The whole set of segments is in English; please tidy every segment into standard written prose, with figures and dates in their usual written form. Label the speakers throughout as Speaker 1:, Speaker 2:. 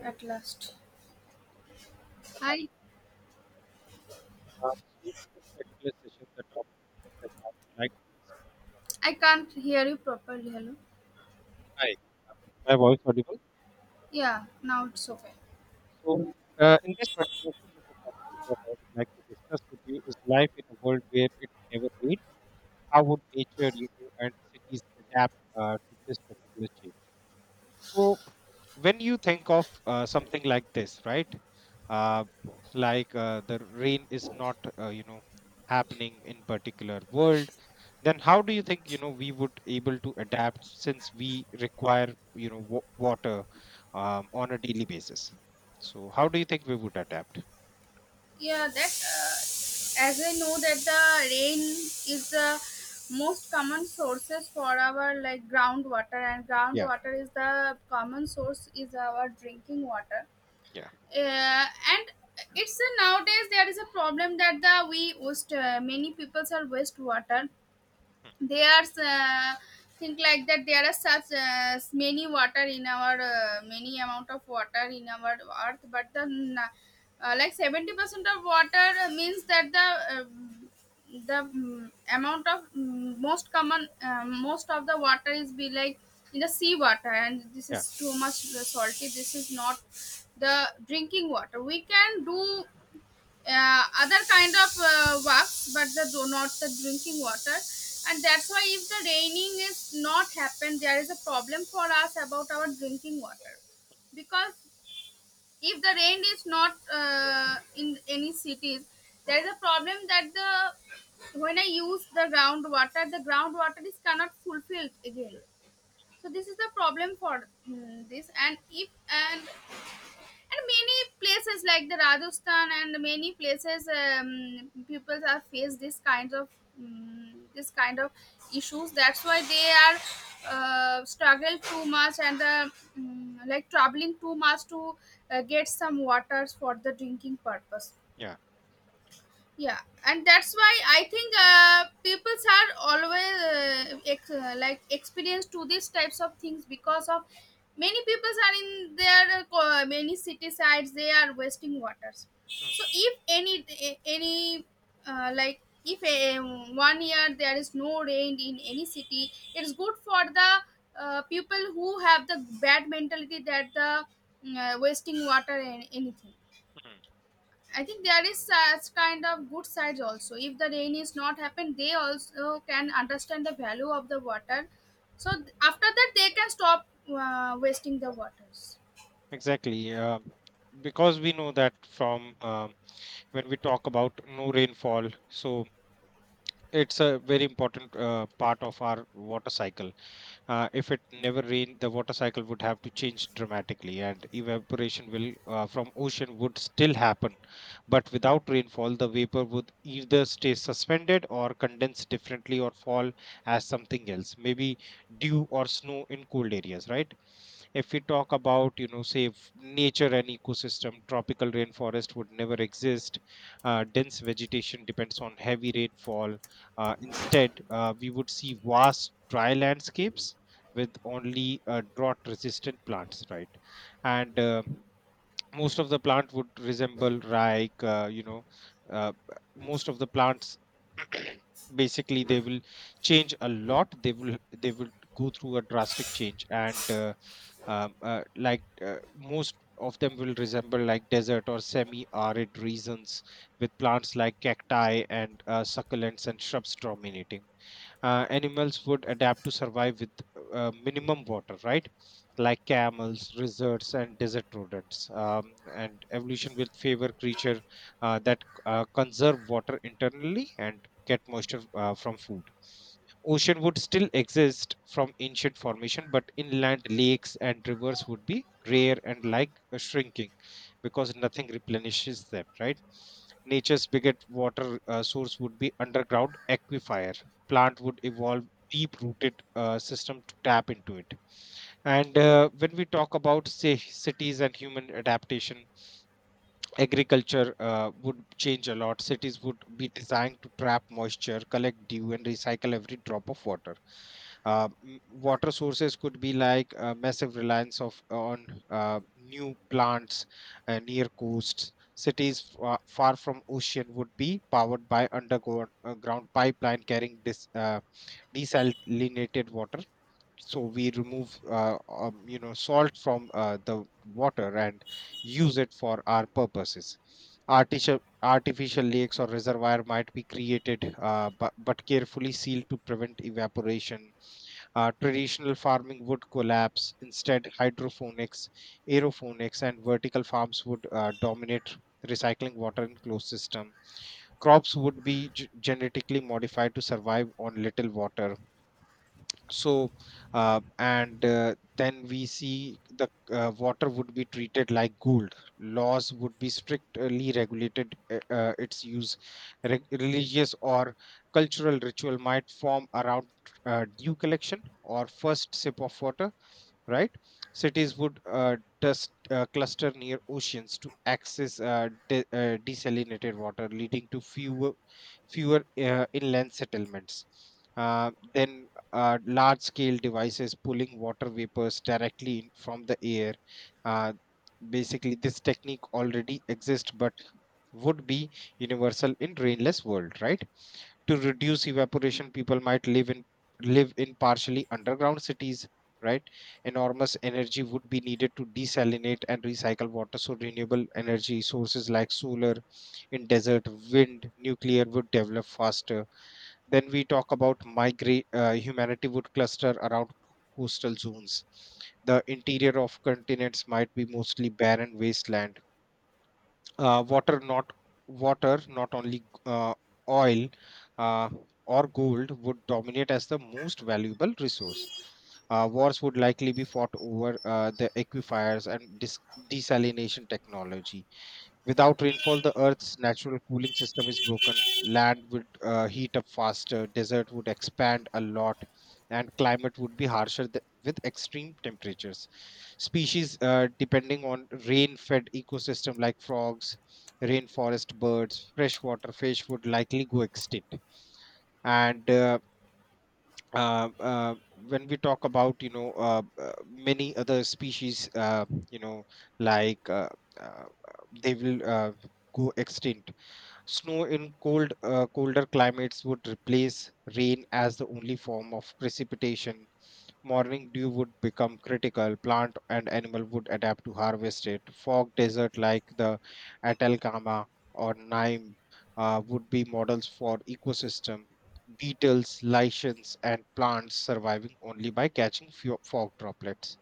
Speaker 1: At last. I
Speaker 2: So in this particular session, the topic that I would like to discuss. Uh,
Speaker 1: I can't hear you properly. Hello.
Speaker 2: Hi, um, my voice audible.
Speaker 1: Yeah, now it's okay.
Speaker 2: So in this particular session, the topic that I would like to discuss with you is life in a world where it never rains. How would nature, you know, and cities adapt to this particular change? So when you think of something like this, right? Uh, like the rain is not, you know, happening in particular world, then how do you think you know we would able to adapt since we require you know water, on a daily basis? So how do you think we would adapt?
Speaker 1: Yeah, that As I know that the rain is the most common sources for our like groundwater, and
Speaker 2: Yeah,
Speaker 1: groundwater is the common source is our drinking water.
Speaker 2: yeah,
Speaker 1: Uh, and it's a, nowadays there is a problem that the we waste many peoples are waste water.
Speaker 2: mm,
Speaker 1: There's Think like that there are such many water in our many amount of water in our earth, but like 70% of water means that amount of most common most of the water is be like in the sea water, and this is
Speaker 2: yeah,
Speaker 1: too much salty. This is not the drinking water. We can do other kind of works, but the do not the drinking water. And that's why if the raining is not happen, there is a problem for us about our drinking water, because if the rain is not in any cities, there is a problem that the when I use the groundwater, the groundwater is cannot fulfilled again. So this is the problem for this. And if and and many places like the Rajasthan and many places, people are face this kinds of this kind of issues. That's why they are struggle too much, and like traveling too much to get some waters for the drinking purpose.
Speaker 2: yeah.
Speaker 1: Yeah. And that's why I think peoples are always like experienced to these types of things because of many peoples are in their many city sides, they are wasting waters.
Speaker 2: Mm,
Speaker 1: So if any like if a, 1 year there is no rain in any city, it's good for the people who have the bad mentality that the wasting water and anything.
Speaker 2: mm.
Speaker 1: I think there is such kind of good sides also. If the rain is not happen, they also can understand the value of the water. So after that, they can stop wasting the waters.
Speaker 2: Exactly. Because we know that from when we talk about no rainfall, so it's a very important part of our water cycle. If it never rained, the water cycle would have to change dramatically, and evaporation will from ocean would still happen. But without rainfall, the vapor would either stay suspended or condense differently or fall as something else, maybe dew or snow in cold areas, right? If we talk about, you know, say nature and ecosystem, tropical rainforest would never exist. Dense vegetation depends on heavy rainfall. Instead we would see vast dry landscapes with only drought resistant plants, right? And most of the plant would resemble like, you know, uh, most of the plants basically they will change a lot, they will go through a drastic change. And most of them will resemble like desert or semi arid regions with plants like cacti and, succulents and shrubs dominating. Animals would adapt to survive with minimum water, right? Like camels, lizards, and desert rodents. And evolution will favor creature that conserve water internally and get moisture from food. Ocean would still exist from ancient formation, but inland lakes and rivers would be rare and like shrinking because nothing replenishes them, right? Nature's biggest water source would be underground aquifers. Plant would evolve deep rooted system to tap into it. And when we talk about say cities and human adaptation, agriculture would change a lot. Cities would be designed to trap moisture, collect dew and recycle every drop of water. uh, m- Water sources could be like massive reliance of on new plants near coasts. Cities far from ocean would be powered by underground ground pipeline carrying this desalinated water. So we remove you know, salt from the water and use it for our purposes. Artificial lakes or reservoir might be created, but carefully sealed to prevent evaporation. Traditional farming would collapse. Instead, hydroponics, aeroponics and vertical farms would dominate, recycling water in closed system. Crops would be genetically modified to survive on little water. So, and then we see the water would be treated like gold. Laws would be strictly regulated its use. Religious or cultural ritual might form around dew collection or first sip of water, right? Cities would cluster near oceans to access desalinated water, leading to fewer inland settlements. Then large scale devices pulling water vapors directly in from the air. Uh, Basically, this technique already exists, but would be universal in rainless world, right? To reduce evaporation, people might live in live in partially underground cities, right? Enormous energy would be needed to desalinate and recycle water, so renewable energy sources like solar in desert, wind, nuclear would develop faster. Then we talk about migrate. Humanity would cluster around coastal zones. The interior of continents might be mostly barren wasteland. Water not water not only, uh, oil, uh, or gold would dominate as the most valuable resource. Wars would likely be fought over the aquifers and desalination technology. Without rainfall, the Earth's natural cooling system is broken. Land would heat up faster, desert would expand a lot, and climate would be harsher with extreme temperatures. Species depending on rain fed ecosystem like frogs, rainforest birds, freshwater fish would likely go extinct. And uh, uh, when we talk about, you know, many other species, you know, like, uh, they will go extinct. Snow in cold, colder climates would replace rain as the only form of precipitation. Morning dew would become critical. Plant and animal would adapt to harvest it. Fog desert like the Atacama or Naim would be models for ecosystem. Beetles, lichens, and plants surviving only by catching few fog droplets.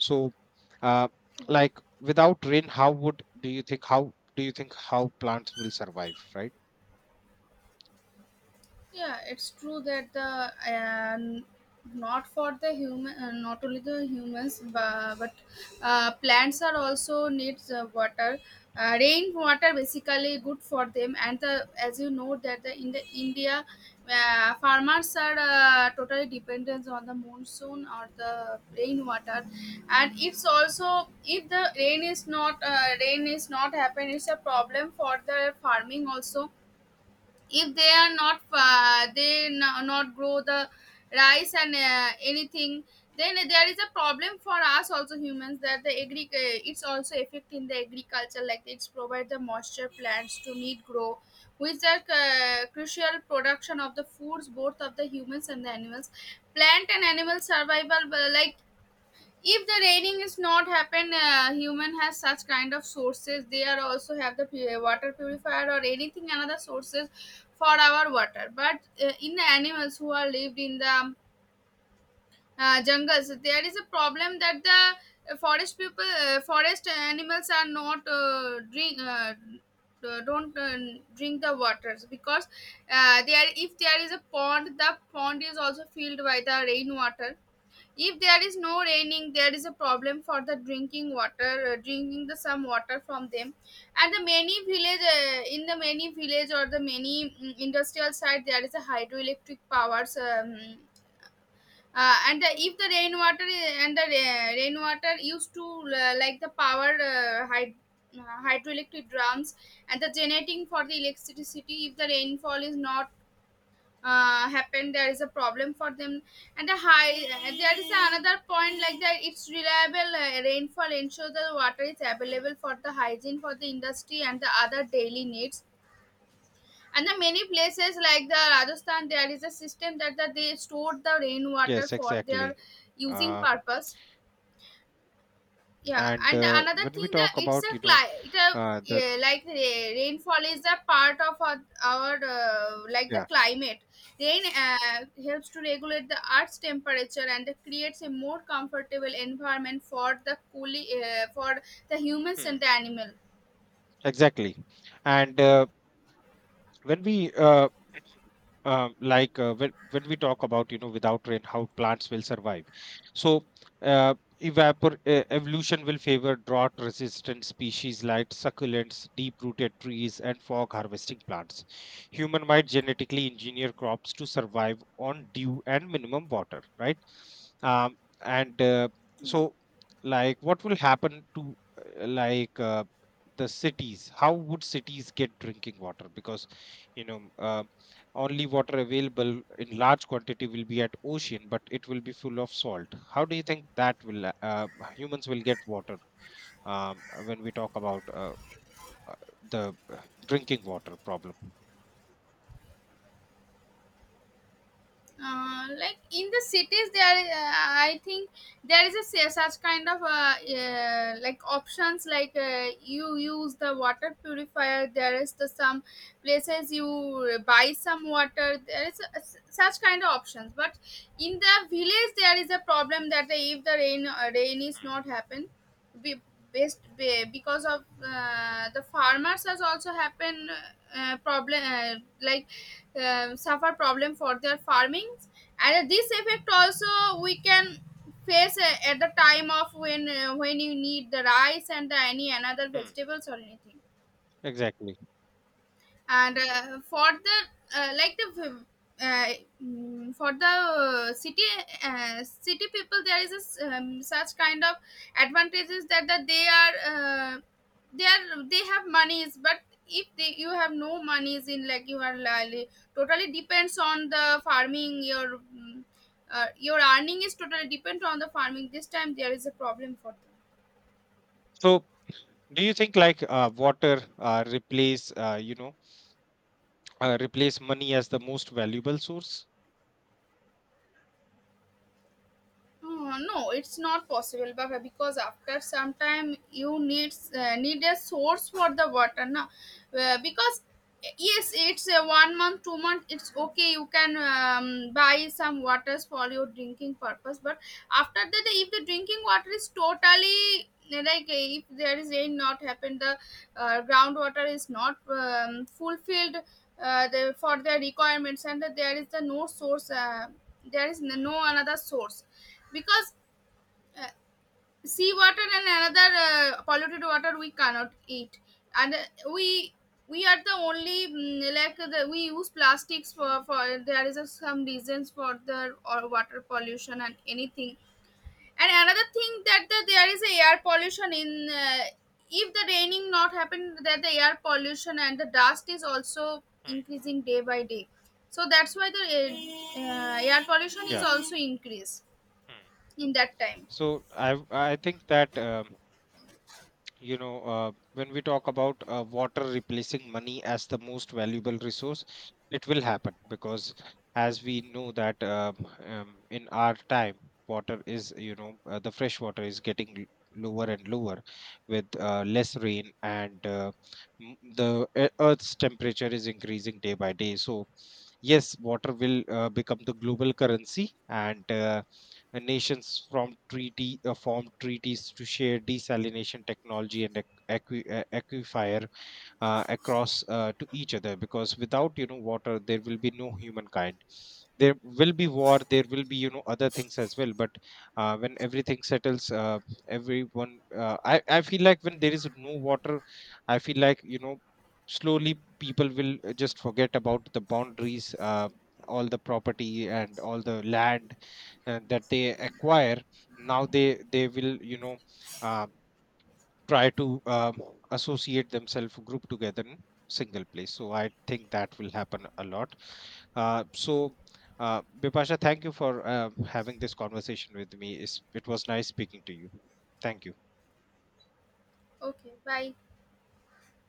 Speaker 2: So, uh, like, without rain, how would do you think, how do you think how plants will survive? Right?
Speaker 1: Yeah, it's true that the. And not for the human, not only the humans, but plants are also needs water. Rain water basically good for them, and the as you know that the in the India, farmers are totally dependent on the monsoon or the rain water. And it's also if the rain is not rain is not happen, it's a problem for the farming also. If they are not grow the rice and anything, then there is a problem for us also humans that the agri it's also affecting the agriculture. Like it's provide the moisture plants to need grow, which are crucial production of the foods both of the humans and the animals. Plant and animal survival, like if the raining is not happen, human has such kind of sources. They are also have the water purifier or anything, another sources for our water. But in the animals who are lived in the jungles, there is a problem that the forest animals are not drink don't drink the waters. Because there if there is a pond, the pond is also filled by the rainwater. If there is no raining, there is a problem for the drinking water, drinking the some water from them. And the many village, in the many village or the many industrial side, there is a hydroelectric powers. And the, if the rainwater I- and the ra- rainwater used to like the power hydroelectric drums and the generating for the electricity. If the rainfall is not happen, there is a problem for them. And there is another point like that it's reliable rainfall ensures that water is
Speaker 2: Mm.
Speaker 1: available for the hygiene, for the industry and the other daily needs. And the many places like the Rajasthan, there is a system that they store the rainwater
Speaker 2: Yes,
Speaker 1: for their
Speaker 2: exactly.
Speaker 1: using
Speaker 2: Uh,
Speaker 1: purpose. Yeah.
Speaker 2: and
Speaker 1: And the
Speaker 2: uh,
Speaker 1: another
Speaker 2: when we
Speaker 1: thing that
Speaker 2: talk
Speaker 1: it's
Speaker 2: about,
Speaker 1: a
Speaker 2: you know,
Speaker 1: cli- it a
Speaker 2: the
Speaker 1: yeah, like rainfall is a part of our like the
Speaker 2: yeah.
Speaker 1: climate. Rain helps to regulate the earth's temperature, and it creates a more comfortable environment for the coolie for the humans and
Speaker 2: Hmm,
Speaker 1: the animal.
Speaker 2: exactly. And when we like, when we talk about, you know, without rain, how plants will survive. So uh, evapor evolution will favor drought resistant species like succulents, deep rooted trees and fog harvesting plants. Human might genetically engineer crops to survive on dew and minimum water, right? um, and so, like, what will happen to uh, like uh, the cities? How would cities get drinking water? Because, you know, only water available in large quantity will be at ocean, but it will be full of salt. How do you think that will humans will get water, when we talk about uh, the drinking water problem?
Speaker 1: Like in the cities there I think there is a such kind of like options. Like you use the water purifier, there is the some places you buy some water. There is a, such kind of options. But in the village there is a problem that if the rain is not happen, be, based because of the farmers has also happened problem, like suffer problem for their farming. And this effect also we can face at the time of when you need the rice and the any another
Speaker 2: Hmm,
Speaker 1: vegetables or anything.
Speaker 2: exactly.
Speaker 1: And for the like uh, for the city, city people, there is a, such kind of advantages that they are uh, they are they have monies. But if they, you have no monies, in like you are totally depends on the farming, your your earning is totally dependent on the farming, this time there is a problem for them.
Speaker 2: So, do you think like water replace you know, replace money as the most valuable source?
Speaker 1: Oh, no, it's not possible, Baba, because after some time you need need a source for the water, na? Because yes, it's a 1 month, 2 month. It's okay. You can buy some waters for your drinking purpose. But after that, if the drinking water is totally, like if there is rain not happened, the groundwater is not fulfilled the, for their requirements, and that there is the no source. There is
Speaker 2: Hmm,
Speaker 1: no another source. Because sea water and another polluted water we cannot eat. And we we are the only like the, we use plastics for there is a, some reasons for the or water pollution and anything. And another thing that the, there is a air pollution in if the raining not happen, that the air pollution and the dust is also
Speaker 2: hmm,
Speaker 1: increasing day by day. So that's why the air pollution is
Speaker 2: yeah.
Speaker 1: also increased
Speaker 2: Hmm.
Speaker 1: in that time.
Speaker 2: So I think that you know, when we talk about water replacing money as the most valuable resource, it will happen because, as we know that in our time, water is, you know, the fresh water is getting lower and lower with less rain, and the earth's temperature is increasing day by day. So yes, water will become the global currency. And nations from treaty, formed treaties to share desalination technology and aquifer across to each other, because without, you know, water, there will be no humankind. There will be war, there will be, you know, other things as well. But when everything settles, everyone, I feel like when there is no water, I feel like, you know, slowly people will just forget about the boundaries, all the property and all the land that they acquire now. They will, you know, uh, try to associate themselves, group together in single place. So I think that will happen a lot. So, Bipasha, thank you for having this conversation with me. It was nice speaking to you. Thank you.
Speaker 1: Okay, bye.